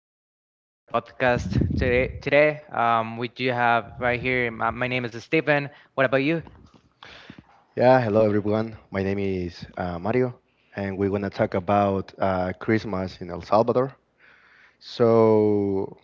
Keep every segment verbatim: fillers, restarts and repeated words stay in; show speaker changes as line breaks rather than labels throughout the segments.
welcome to our podcast today. Today, um, we do have right here. My, my name is Stephen. What about you?
Yeah, hello everyone. My name is uh, Mario, and we're gonna talk about uh, Christmas in El Salvador. So,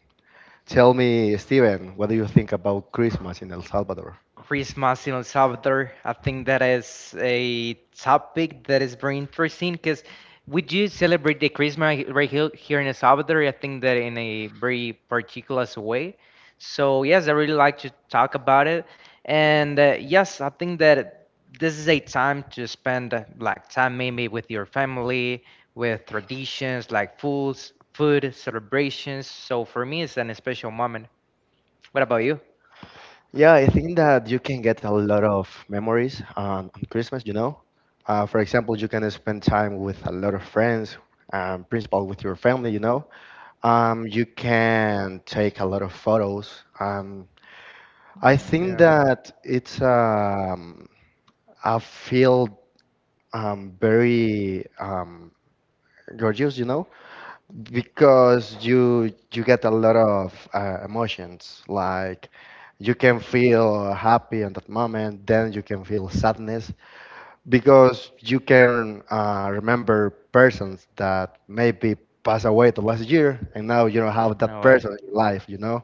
tell me, Steven, what do you think about Christmas in El Salvador?
Christmas in El Salvador. I think that is a topic that is very interesting because we do celebrate the Christmas right here here in El Salvador. I think that in a very particular way. So yes, I really like to talk about it, and uh, yes, I think that this is a time to spend uh, like time maybe with your family, with traditions like foods, food celebrations. So for me, it's an special moment. What about you?
Yeah, I think that you can get a lot of memories on, on Christmas, you know. Uh, for example, you can spend time with a lot of friends, um, principal with your family, you know. Um, you can take a lot of photos. Um, I think that it's um, a field um, very um, gorgeous, you know, because you you get a lot of uh, emotions. Like you can feel happy in that moment, then you can feel sadness because you can uh, remember persons that maybe passed away the last year, and now you don't have that
No way.
person in your life, you know.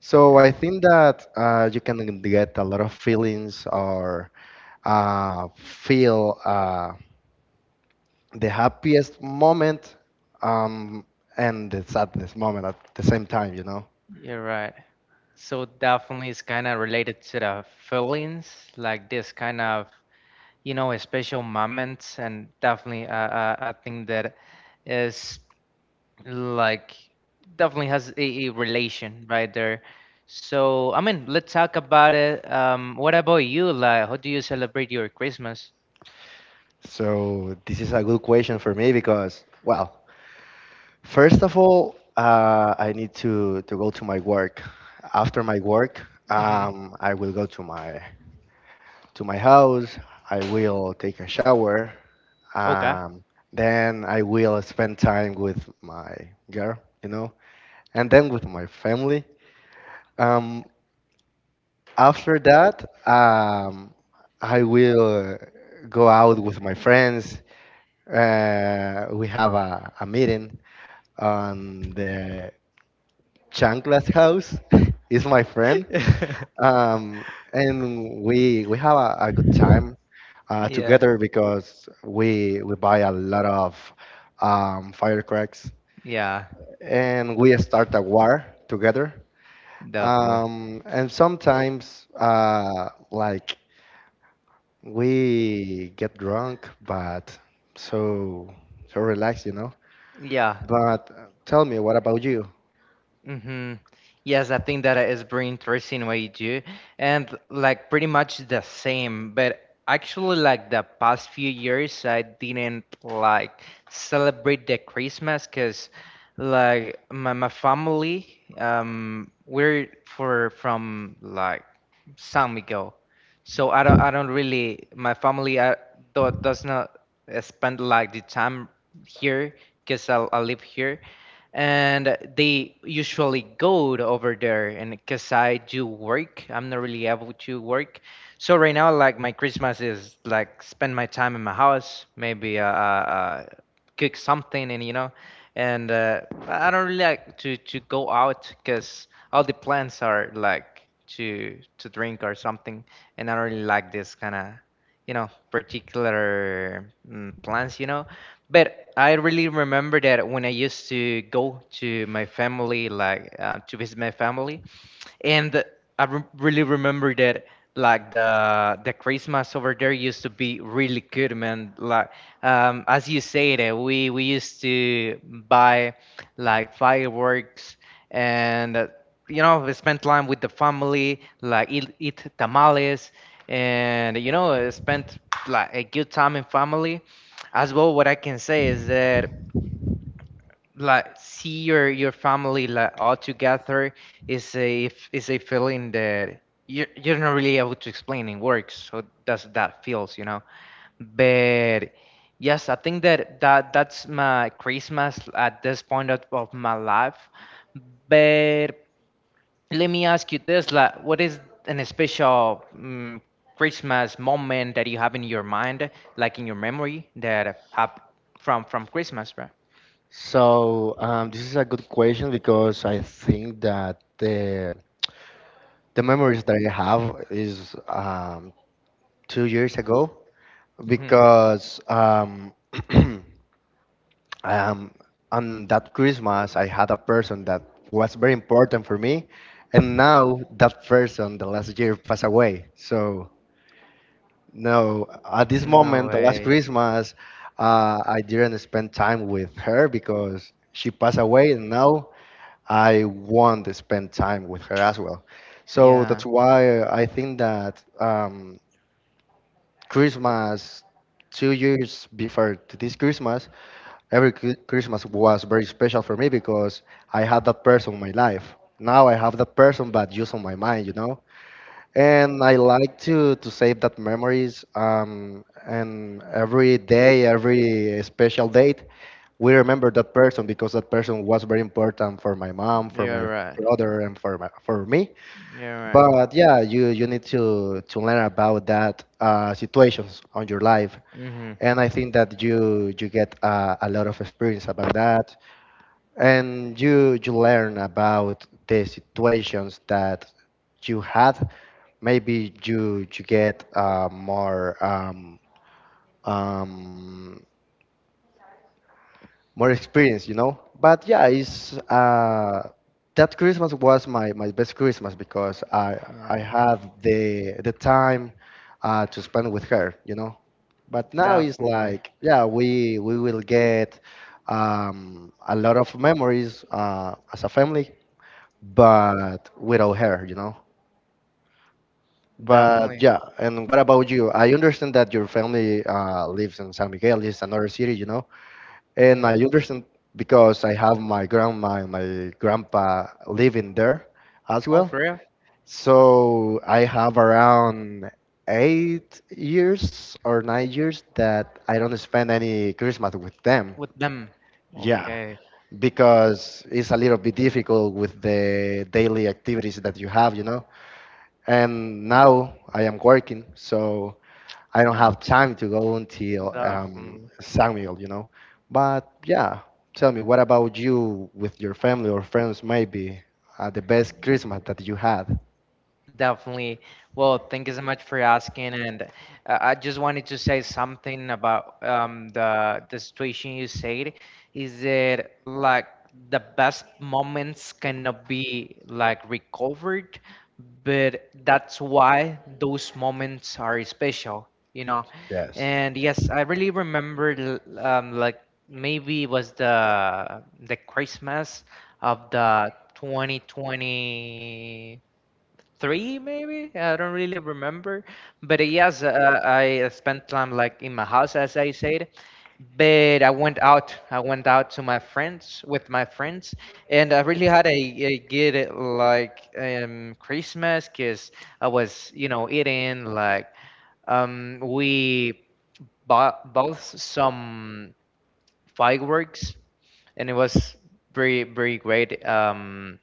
So I
Yeah,
think that uh, you can get a lot of feelings or uh, feel. Uh, the happiest moment um, and the saddest moment at the same time, you know?
Yeah, you're right. So definitely it's kind of related to the feelings, like this kind of, you know, special moments, and definitely uh, uh, I think that is like definitely has a, a relation right there. So I mean, let's talk about it. Um, what about you? Like, how do you celebrate your Christmas?
So this is a good question for me because, well, first of all, uh, I need to, to go to my work. After my work,
Mm-hmm.
um, I will go to my to my house. I will take a shower.
Okay.
Um, then I will spend time with my girl, you know, and then with my family. Um, After that, um, I will go out with my friends. Uh, we have a, a meeting on the Chanclas house. Is my friend, um, and we we have a, a good time uh,
Yeah.
together because we we buy a lot of um, firecrackers
Yeah.
and we start a war together.
Definitely.
Um, and sometimes, uh, like we get drunk, but so so relaxed, you know.
Yeah.
But uh, tell me, what about you?
Mm-hmm. Yes, I think that is pretty interesting what you do. And like pretty much the same, but actually like the past few years I didn't like celebrate the Christmas because like my, my family, um we're for from like San Miguel. So I don't I don't really my family I, do, does not uh, spend like the time here because I, I live here and they usually go to over there. And because I do work, I'm not really able to work. So right now, like my Christmas is like spend my time in my house, maybe uh, uh uh, cook something. And you know and uh, I don't really like to to go out, because all the plans are like to to drink or something. And I don't really like this kind of you know particular mm, plans you know But I really remember that when I used to go to my family, like uh, to visit my family, and I rem really remember that like the the Christmas over there used to be really good, man. Like um, as you said, uh, we we used to buy like fireworks. And uh, you know we spend time with the family, like eat, eat tamales, and you know uh, spend like a good time in family. As well, what I can say is that like see your your family like all together is a f- is a feeling that you're you're not really able to explain in words. So that's that feels, you know. But yes, I think that that that's my Christmas at this point of, of my life. But let me ask you this: like, what is an special um, Christmas moment that you have in your mind, like in your memory, that have from from Christmas, right?
So um, this is a good question because I think that the the memories that I have is um, two years ago
Hmm.
because um, um, on that Christmas I had a person that was very important for me, and now that person the last year passed away. So No, at this
No
moment, the last
way.
Christmas, uh, I didn't spend time with her because she passed away, and now I want to spend time with her as well. So
Yeah.
that's why I think that um, Christmas, two years before to this Christmas, every Chri- Christmas was very special for me because I had that person in my life. Now I have that person, but just on my mind, you know. And I like to to save that memories. Um, and every day, every special date, we remember that person because that person was very important for my mom, for my
You're right.
brother, and for my, for me.
You're right.
But yeah, you you need to to learn about that uh, situations on your life.
Mhm.
And I think that you you get uh, a lot of experience about that, and you you learn about the situations that you had maybe you you get uh, more um, um, more experience, you know. But yeah, it's uh, that Christmas was my, my best Christmas because I
Yeah.
I had the the time uh, to spend with her, you know. But now it's
Definitely.
like yeah, we we will get um, a lot of memories uh, as a family, but without her, you know. But
Definitely.
yeah, and what about you? I understand that your family uh, lives in San Miguel, it's another city, you know. And I
Mhm.
understand because I have my grandma and my grandpa living there as
Oh,
well.
for real?
So I have around eight years or nine years that I don't spend any Christmas with them.
With them.
Yeah,
Okay.
because it's a little bit difficult with the daily activities that you have, you know. And now I am working, so I don't
Yeah.
have time to go until um,
Definitely.
Samuel, you know. But yeah, tell me, what about you with your family or friends? Maybe uh, the best Christmas that you had.
Definitely. Well, thank you so much for asking, and uh, I just wanted to say something about um, the the situation you said. Is that like the best moments cannot be like recovered, but that's why those moments are special, you know?
Yes.
And yes, I really remember l- um, like maybe it was the the Christmas of the twenty twenty three, maybe I don't really remember, but uh, yes, uh, I spent time like in my house as I said, but i went out I went out to my friends with my friends, and I really had a, a good uh, like um Christmas because I was you know eating like um we bought both some fireworks, and it was very very great. Um,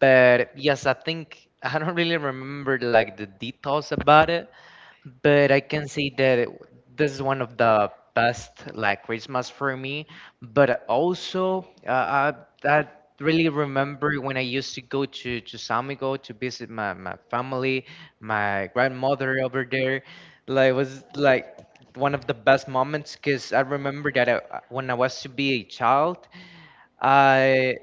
But yes, I think I don't really remember like the details about it, but I can say that it, this is one of the best like Christmas for me. But also, uh, I, I really remember when I used to go to to San Miguel to visit my my family, my grandmother over there. Like it was like one of the best moments because I remember that I, when I was to be a child. I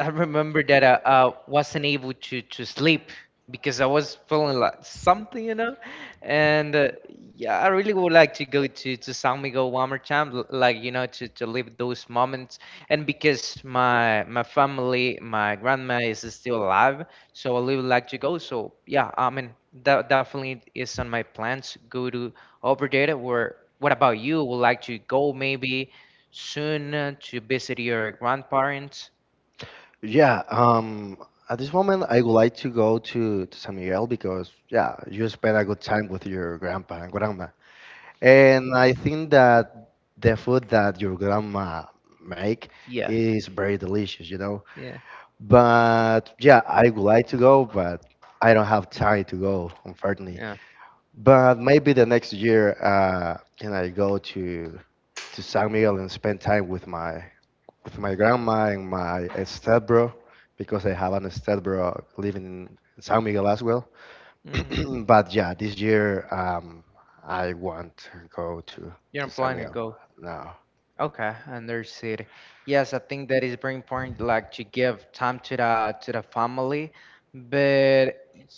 I remember that I, I wasn't able to to sleep because I was feeling like something, you know. And uh, yeah, I really would like to go to to San Miguel one more time, l- like you know, to to live those moments. And because my my family, my grandma is still alive, so I really would like to go. So yeah, I mean that definitely is on my plans. Go to over there. Where What about you? Would like to go maybe soon uh, to visit your grandparents?
Yeah, um, at this moment, I would like to go to, to San Miguel because, yeah, you spend a good time with your grandpa and grandma. And I think that the food that your grandma make
Yeah.
is very delicious, you know.
Yeah.
But yeah, I would like to go, but I don't have time to go, unfortunately.
Yeah.
But maybe the next year, uh, can I go to to San Miguel and spend time with my with my grandma and my stepbro, because I have an stepbro living in San Miguel as well.
Hmm.
But yeah, this year um, I want to go to
You
to
don't plan to
Samuel
go.
now.
Okay, understood. Yes, I think that is very important, like to give time to the to the family. But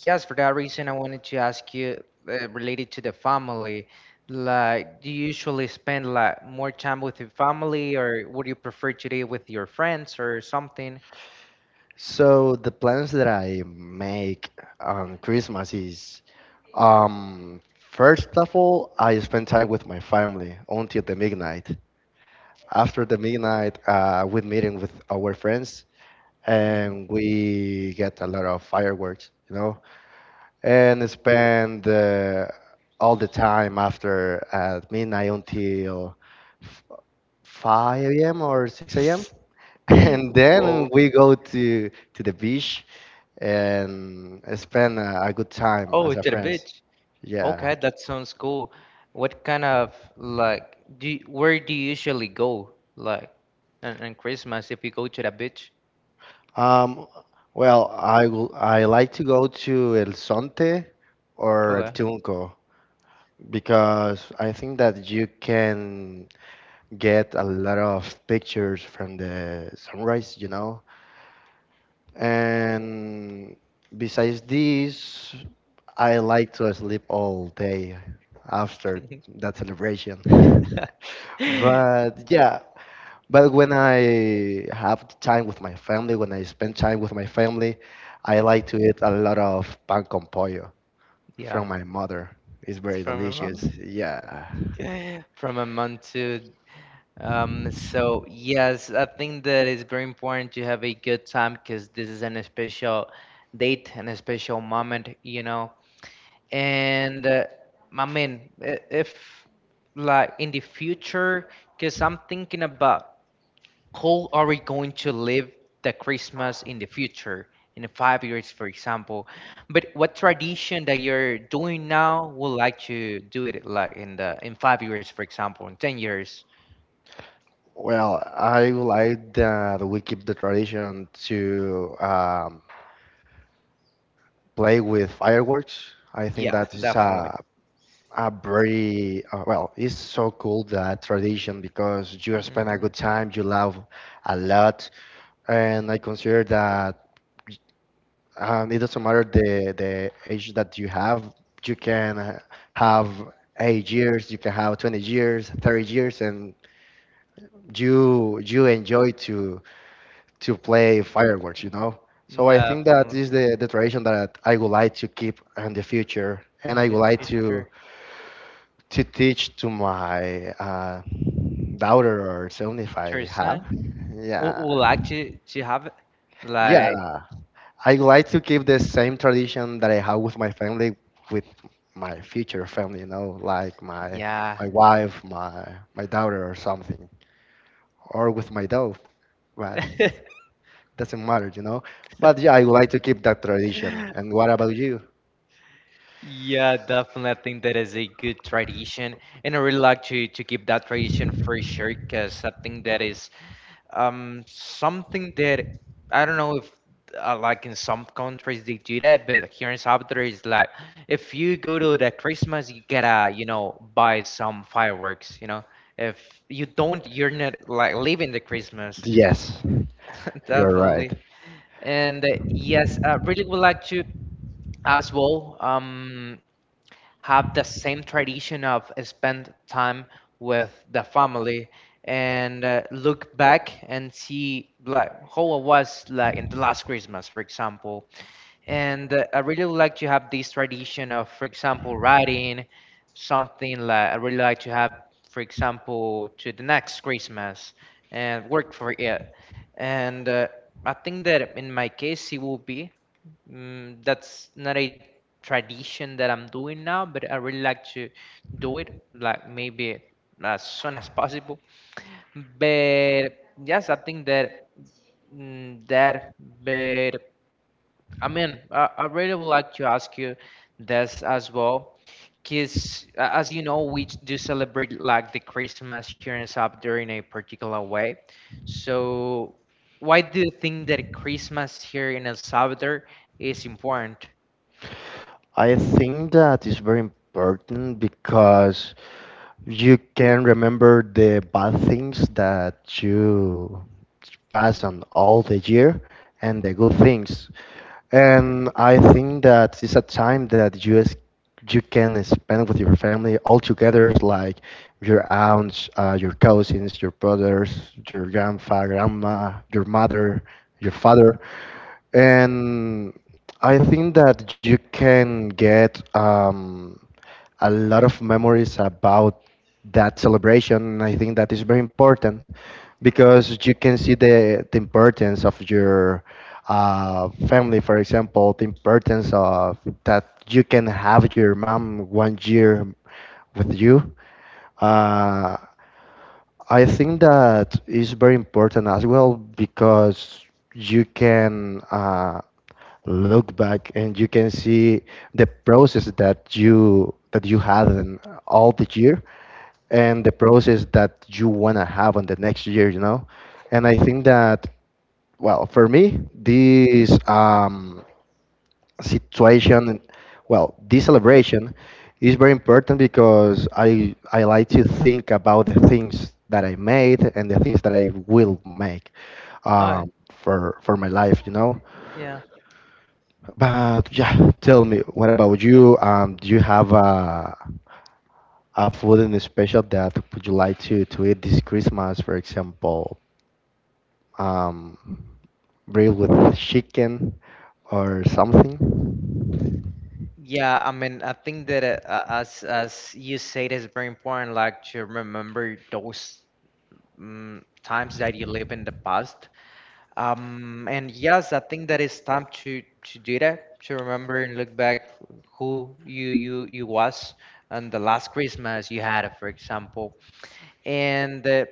yes, for that reason, I wanted to ask you uh, related to the family. Like, do you usually spend like more time with your family, or would you prefer to do it with your friends or something?
So the plans that I make on Christmas is um, first of all I spend time with my family until the midnight. After the midnight, uh, we're meeting with our friends
Hmm.
and we get a lot of fireworks. You know, and spend uh, all the time after at midnight until f- five a m or six a m And then
Well,
we go to to the beach and spend a, a good time
oh,
as a
to the
friends.
beach.
Yeah.
Okay, that sounds cool. What kind of like do you, where do you usually go like on, on Christmas if you go to the beach?
Um, well, I will, I like to go to El Sonte or El
Okay.
Tunco because I think that you can get a lot of pictures from the sunrise, you know, And besides this, I like to sleep all day after that celebration. But yeah, but when I have time with my family, when I spend time with my family, I like to eat a lot of pan con pollo
Yeah,
from my mother. It's
it's
very
from a
delicious. Yeah.
month. From a month to um so yes, I think that it's very important to have a good time, because this is an special date and a special moment, you know. And uh, I mean, i- if like in the future, because I'm thinking about how are we going to live the Christmas in the future, in five years, for example? But what tradition that you're doing now would like to do it like in the in five years, for example, in ten years?
Well, I would like that we keep the tradition to um, play with fireworks. I think
Yeah,
that is
definitely.
a a very uh, well, it's so cool that tradition because you spend a
Mhm.
good time, you laugh a lot, and I consider that um, it doesn't matter the the age that you have. You can uh, have eight years, you can have twenty years, thirty years, and you you enjoy to to play fireworks, you know. So I think that
Definitely.
is the, the tradition that I would like to keep in the future,
In
and I would
the
like to
future,
to teach to my uh, daughter or son if I have.
person would
Yeah,
would like to to have it?
yeah.
Like
I would like to keep the same tradition that I have with my family, with my future family, you know, like my
yeah.
my wife, my my daughter, or something, or with my dog. Right. doesn't matter, you know. But yeah, I would like to keep that tradition. And what about you?
Yeah, definitely. I think that is a good tradition, and I really like to to keep that tradition for sure, because I think that is um something that I don't know if uh, like in some countries they do that, but here in Salvador it's like if you go to the Christmas, you gotta you know buy some fireworks, you know. If you don't, you're not like living the Christmas,
Yes, you're right.
definitely. And uh, yes, I really would like to as well. Um, have the same tradition of spend time with the family, and uh, look back and see like how it was like in the last Christmas, for example. And uh, I really would like to have this tradition of, for example, writing something like I really like to have, for example, to the next Christmas and work for it. And uh, I think that in my case, it will be. Mm, that's not a tradition that I'm doing now, but I really like to do it, like maybe as soon as possible. But yes, I think that mm, that. But I mean, I, I really would like to ask you this as well, because as you know, we do celebrate like the Christmas here in South there in a particular way. So, why do you think that Christmas here in El Salvador is important?
I think that is very important because you can remember the bad things that you pass on all the year and the good things. And I think that it's a time that you es- you can spend with your family all together, like your aunts, uh, your cousins, your brothers, your grandpa, grandma, your mother, your father. And I think that you can get um, a lot of memories about that celebration. I think that is very important because you can see the, the importance of your uh, family, for example, the importance of that you can have your mom one year with you. Uh, I think that is very important as well because you can. Uh, look back and you can see the process that you that you had in all the year and the process that you want to have on the next year you know and I think that well for me this um, situation well this celebration is very important because i i like to think about the things that I made and the things that I will make um, for for my life you know
Yeah.
but yeah, tell me, what about you? Um, do you have a a food in special that would you like to to eat this Christmas, for example, um, grilled with chicken or something?
Yeah, I mean, I think that uh, uh, as as you say, it's very important, like to remember those um, times that you live in the past. Um, and yes, I think that it's time to to do that, to remember and look back who you you you was on the last Christmas you had, for example. And uh,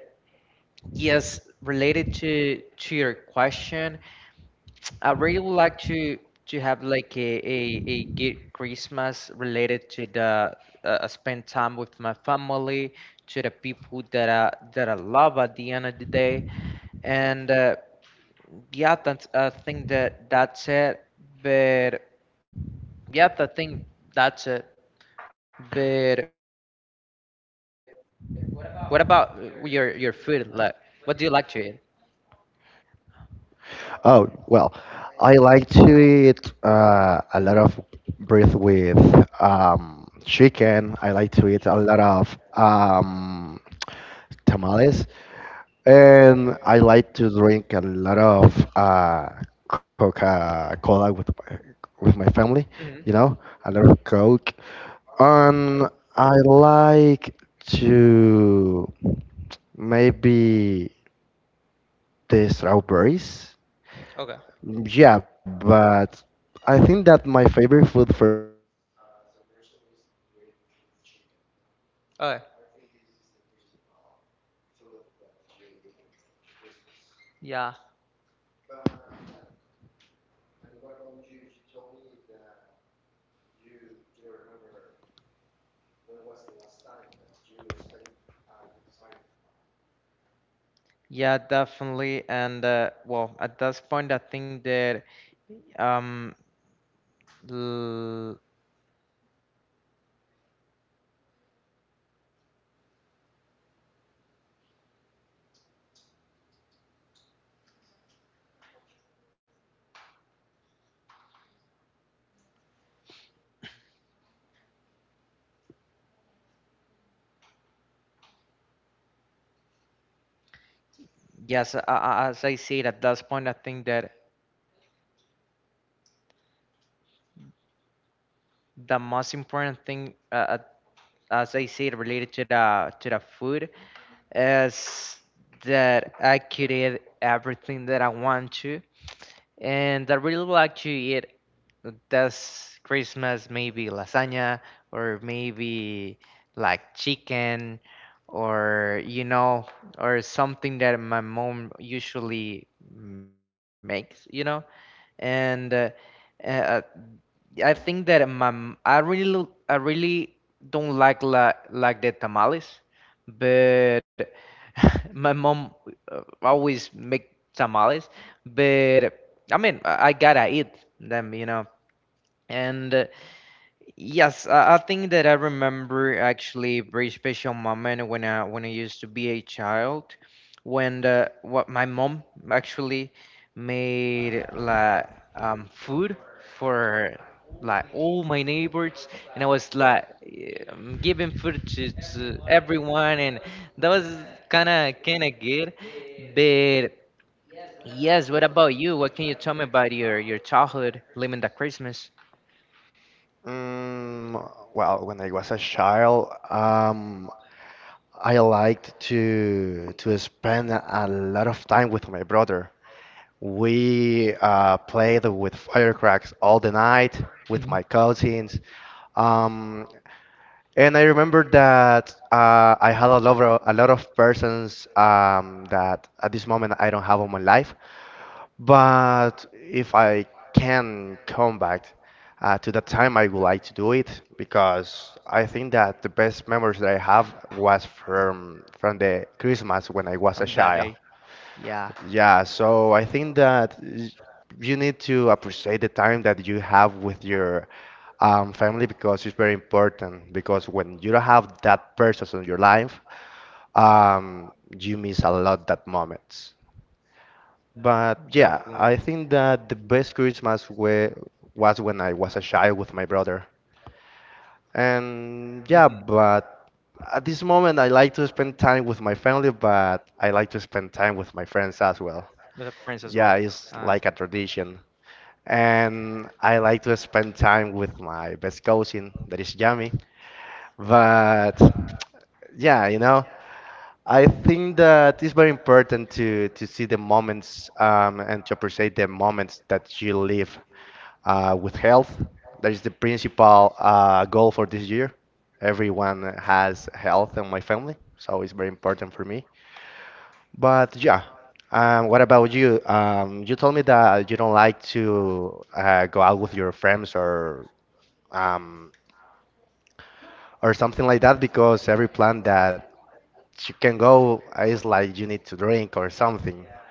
yes, related to to your question, I really would like to to have like a a, a good Christmas related to the uh, uh, spend time with my family, to the people that I that I love at the end of the day, and uh, yeah, that's, I think that that's it. But yeah, I think that's it. But what about uh, your your food? Like, what do you like to eat?
Oh, well, I like to eat uh, a lot of bread with um, chicken. I like to eat a lot of um, tamales. And I like to drink a lot of uh, Coca-Cola with my, with my family,
Hmm.
you know, a lot of Coke. And I like to maybe the strawberries.
Okay.
Yeah, but I think that my favorite food for this uh, celebration is bread with chicken, you know.
Okay.
I think this is the principal food that you eat on the on the Christmas.
Yeah.
But yeah, and what about you? You told me that you you don't remember when was the last time that you spent a good time with my
Yeah, definitely. And uh, well, at this point, I think that. Um, l- yes, a- a- as I said at that point, I think that the most important thing, uh, uh, as I said, related to the to the food, is that I could eat everything that I want to. And I really like to eat this Christmas maybe lasagna or maybe like chicken or you know or something that my mom usually makes you know and uh, uh, I think that my m- I really l- I really don't like la, like the tamales, but my mom uh, always make tamales, but I mean I I gotta eat them, you know. And uh, Yes, I I think that I remember actually a very special moment when I when I used to be a child, when the what my mom actually made like um food for like all my neighbors, and I was like um, giving food to to everyone, and that was kind of kind of good. But yes, what about you? What can you tell me about your your childhood, living the Christmas. Mhm. From that day? Yeah. Definitely. Hmm. With the friends as well. Uh,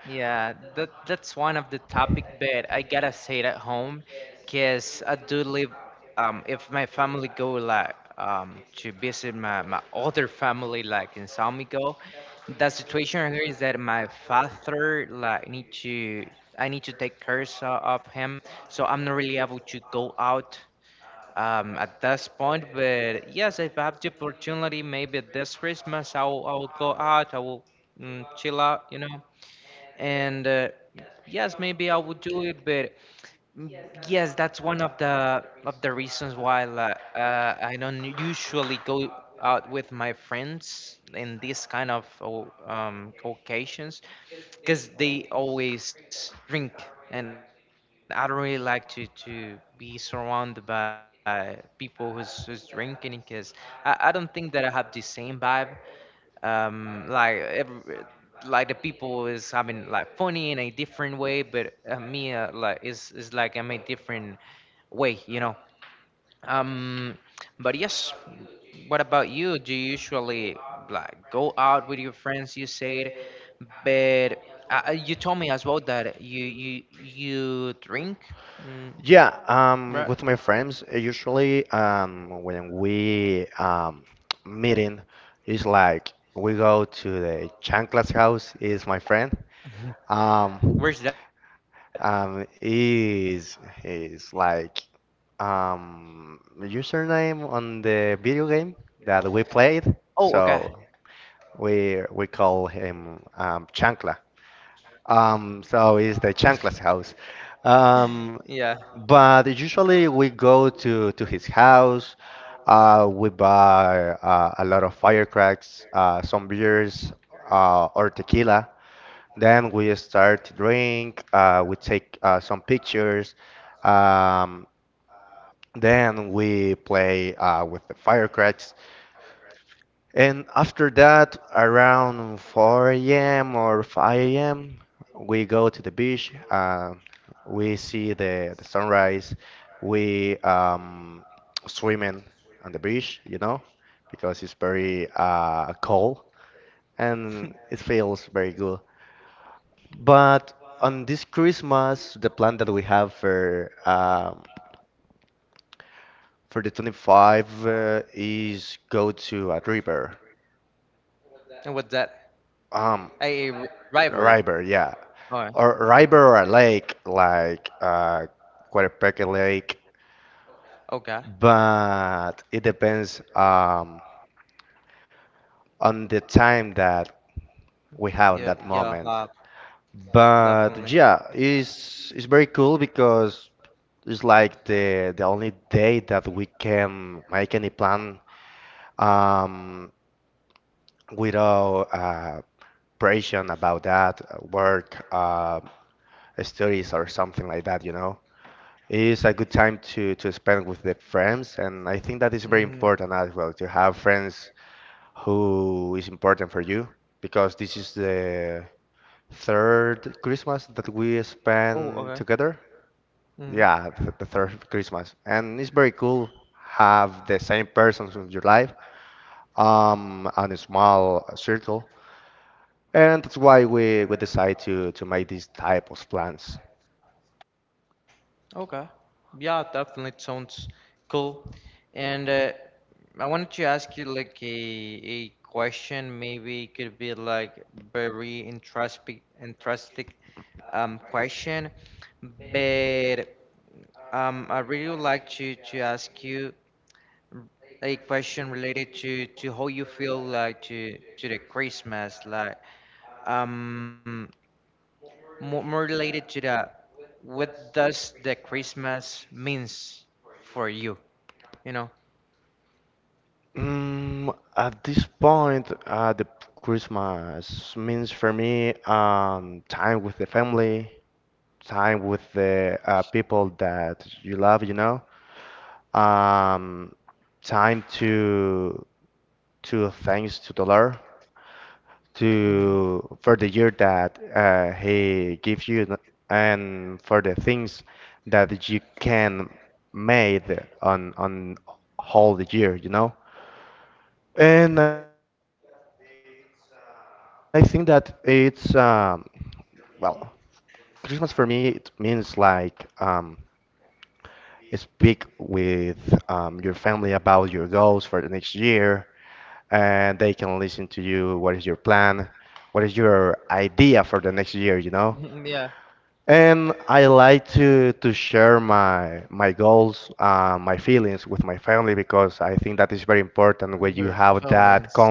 Yeah, that that's one of the topic, but I gotta say it at home, cause I do live. Um, if my family go like um to visit my my other family like in San Miguel, the situation right here is that my father like need to I need to take care so- of him, so I'm not really able to go out um, at this point. But yes, if I have the opportunity, maybe this Christmas I will, I will go out, I will mm, chill out, you know. And uh, Yes, maybe I would do it. But mm, yes, that's one of the of the reasons why like, uh, I don't usually go out with my friends in these kind of o- um, occasions because they always drink and I don't really like to to be surrounded by people who's, who's drinking because I, I don't think that I have the same vibe um like every, like the people is having like funny in a different way but uh, me uh, like is is like I'm a different way, you know. um, but yes, what about you? Do you usually like go out with your friends, you said, but uh, uh, you told me as well that you you you drink, mm, right? Where's that? Oh, okay. Yeah. And what's that? A r- river. Oh, okay. Yeah, yeah, uh, definitely. Hmm. Oh, okay. Mm-hmm. Okay. Yeah, definitely it sounds cool. And uh, I wanted to ask you like a a question. Maybe it could be like very interesting, interesting um question. But um, I really would like to to ask you a question related to to how you feel like to to the Christmas. Like um, more, more related to the what does the Christmas means for you, you know? Hmm. Yeah, your feelings.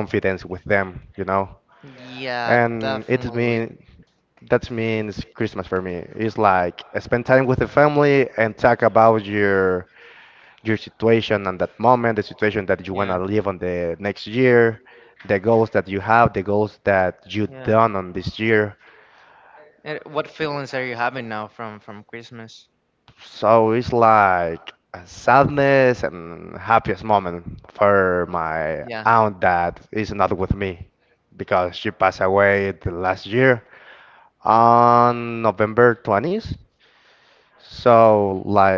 Yeah, definitely. Yeah, yeah. And what feelings are you having now from from Christmas? Yeah, twentieth. Okay.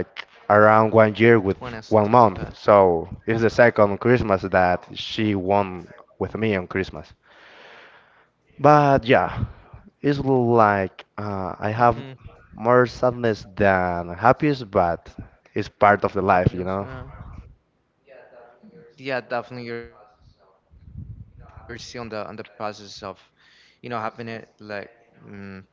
Mm-hmm. Happiness. Yeah. Yeah, definitely. You're still on the on the process of, you know, having it like mm, processing that, you know.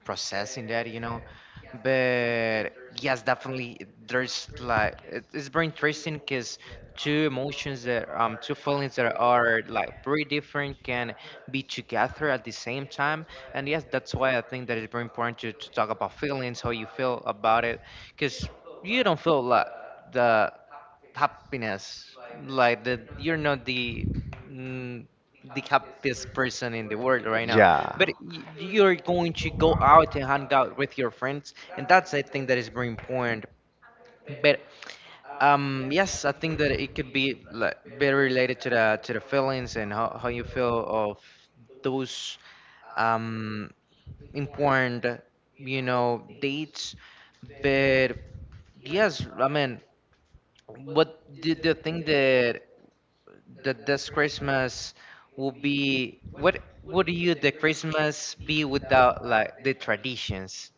But yes, definitely there's like it- it's very interesting because two emotions that um two feelings that are like very different can be together at the same time. And yes, that's why I think that it's very important to, to talk about feelings, how you feel about it, because you don't feel like the happiness like that, you're not the mm, the happiest person in the world right now, but y- you're going to go out and hang out with your friends and that's, I think that is very important. But um yes, I think that it could be like very related to the to the feelings and how, how you feel of those um important, you know, dates. But yes, I mean, what did the thing that that this Christmas will be? What would you the Christmas be without like the traditions?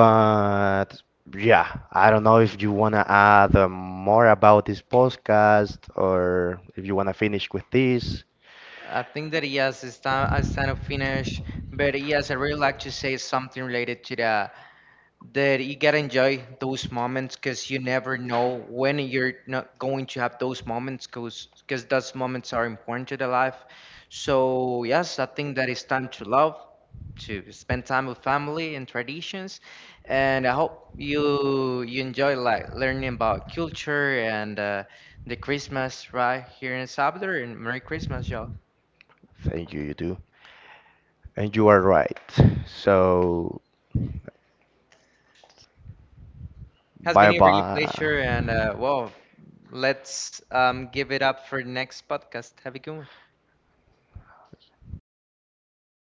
Mhm. I think that yes, it's time it's time to finish. But yes, I really like to say something related to the that you gotta enjoy those moments because you never know when you're not going to have those moments, because because those moments are important to the life. So yes, I think that it's time to love, to spend time with family and traditions, and I hope you you enjoy like learning about culture and uh, the Christmas right here in El Salvador. And merry Christmas, y'all. Has been a really pleasure, and uh, well, let's um, give it up for the next podcast. Have a good one.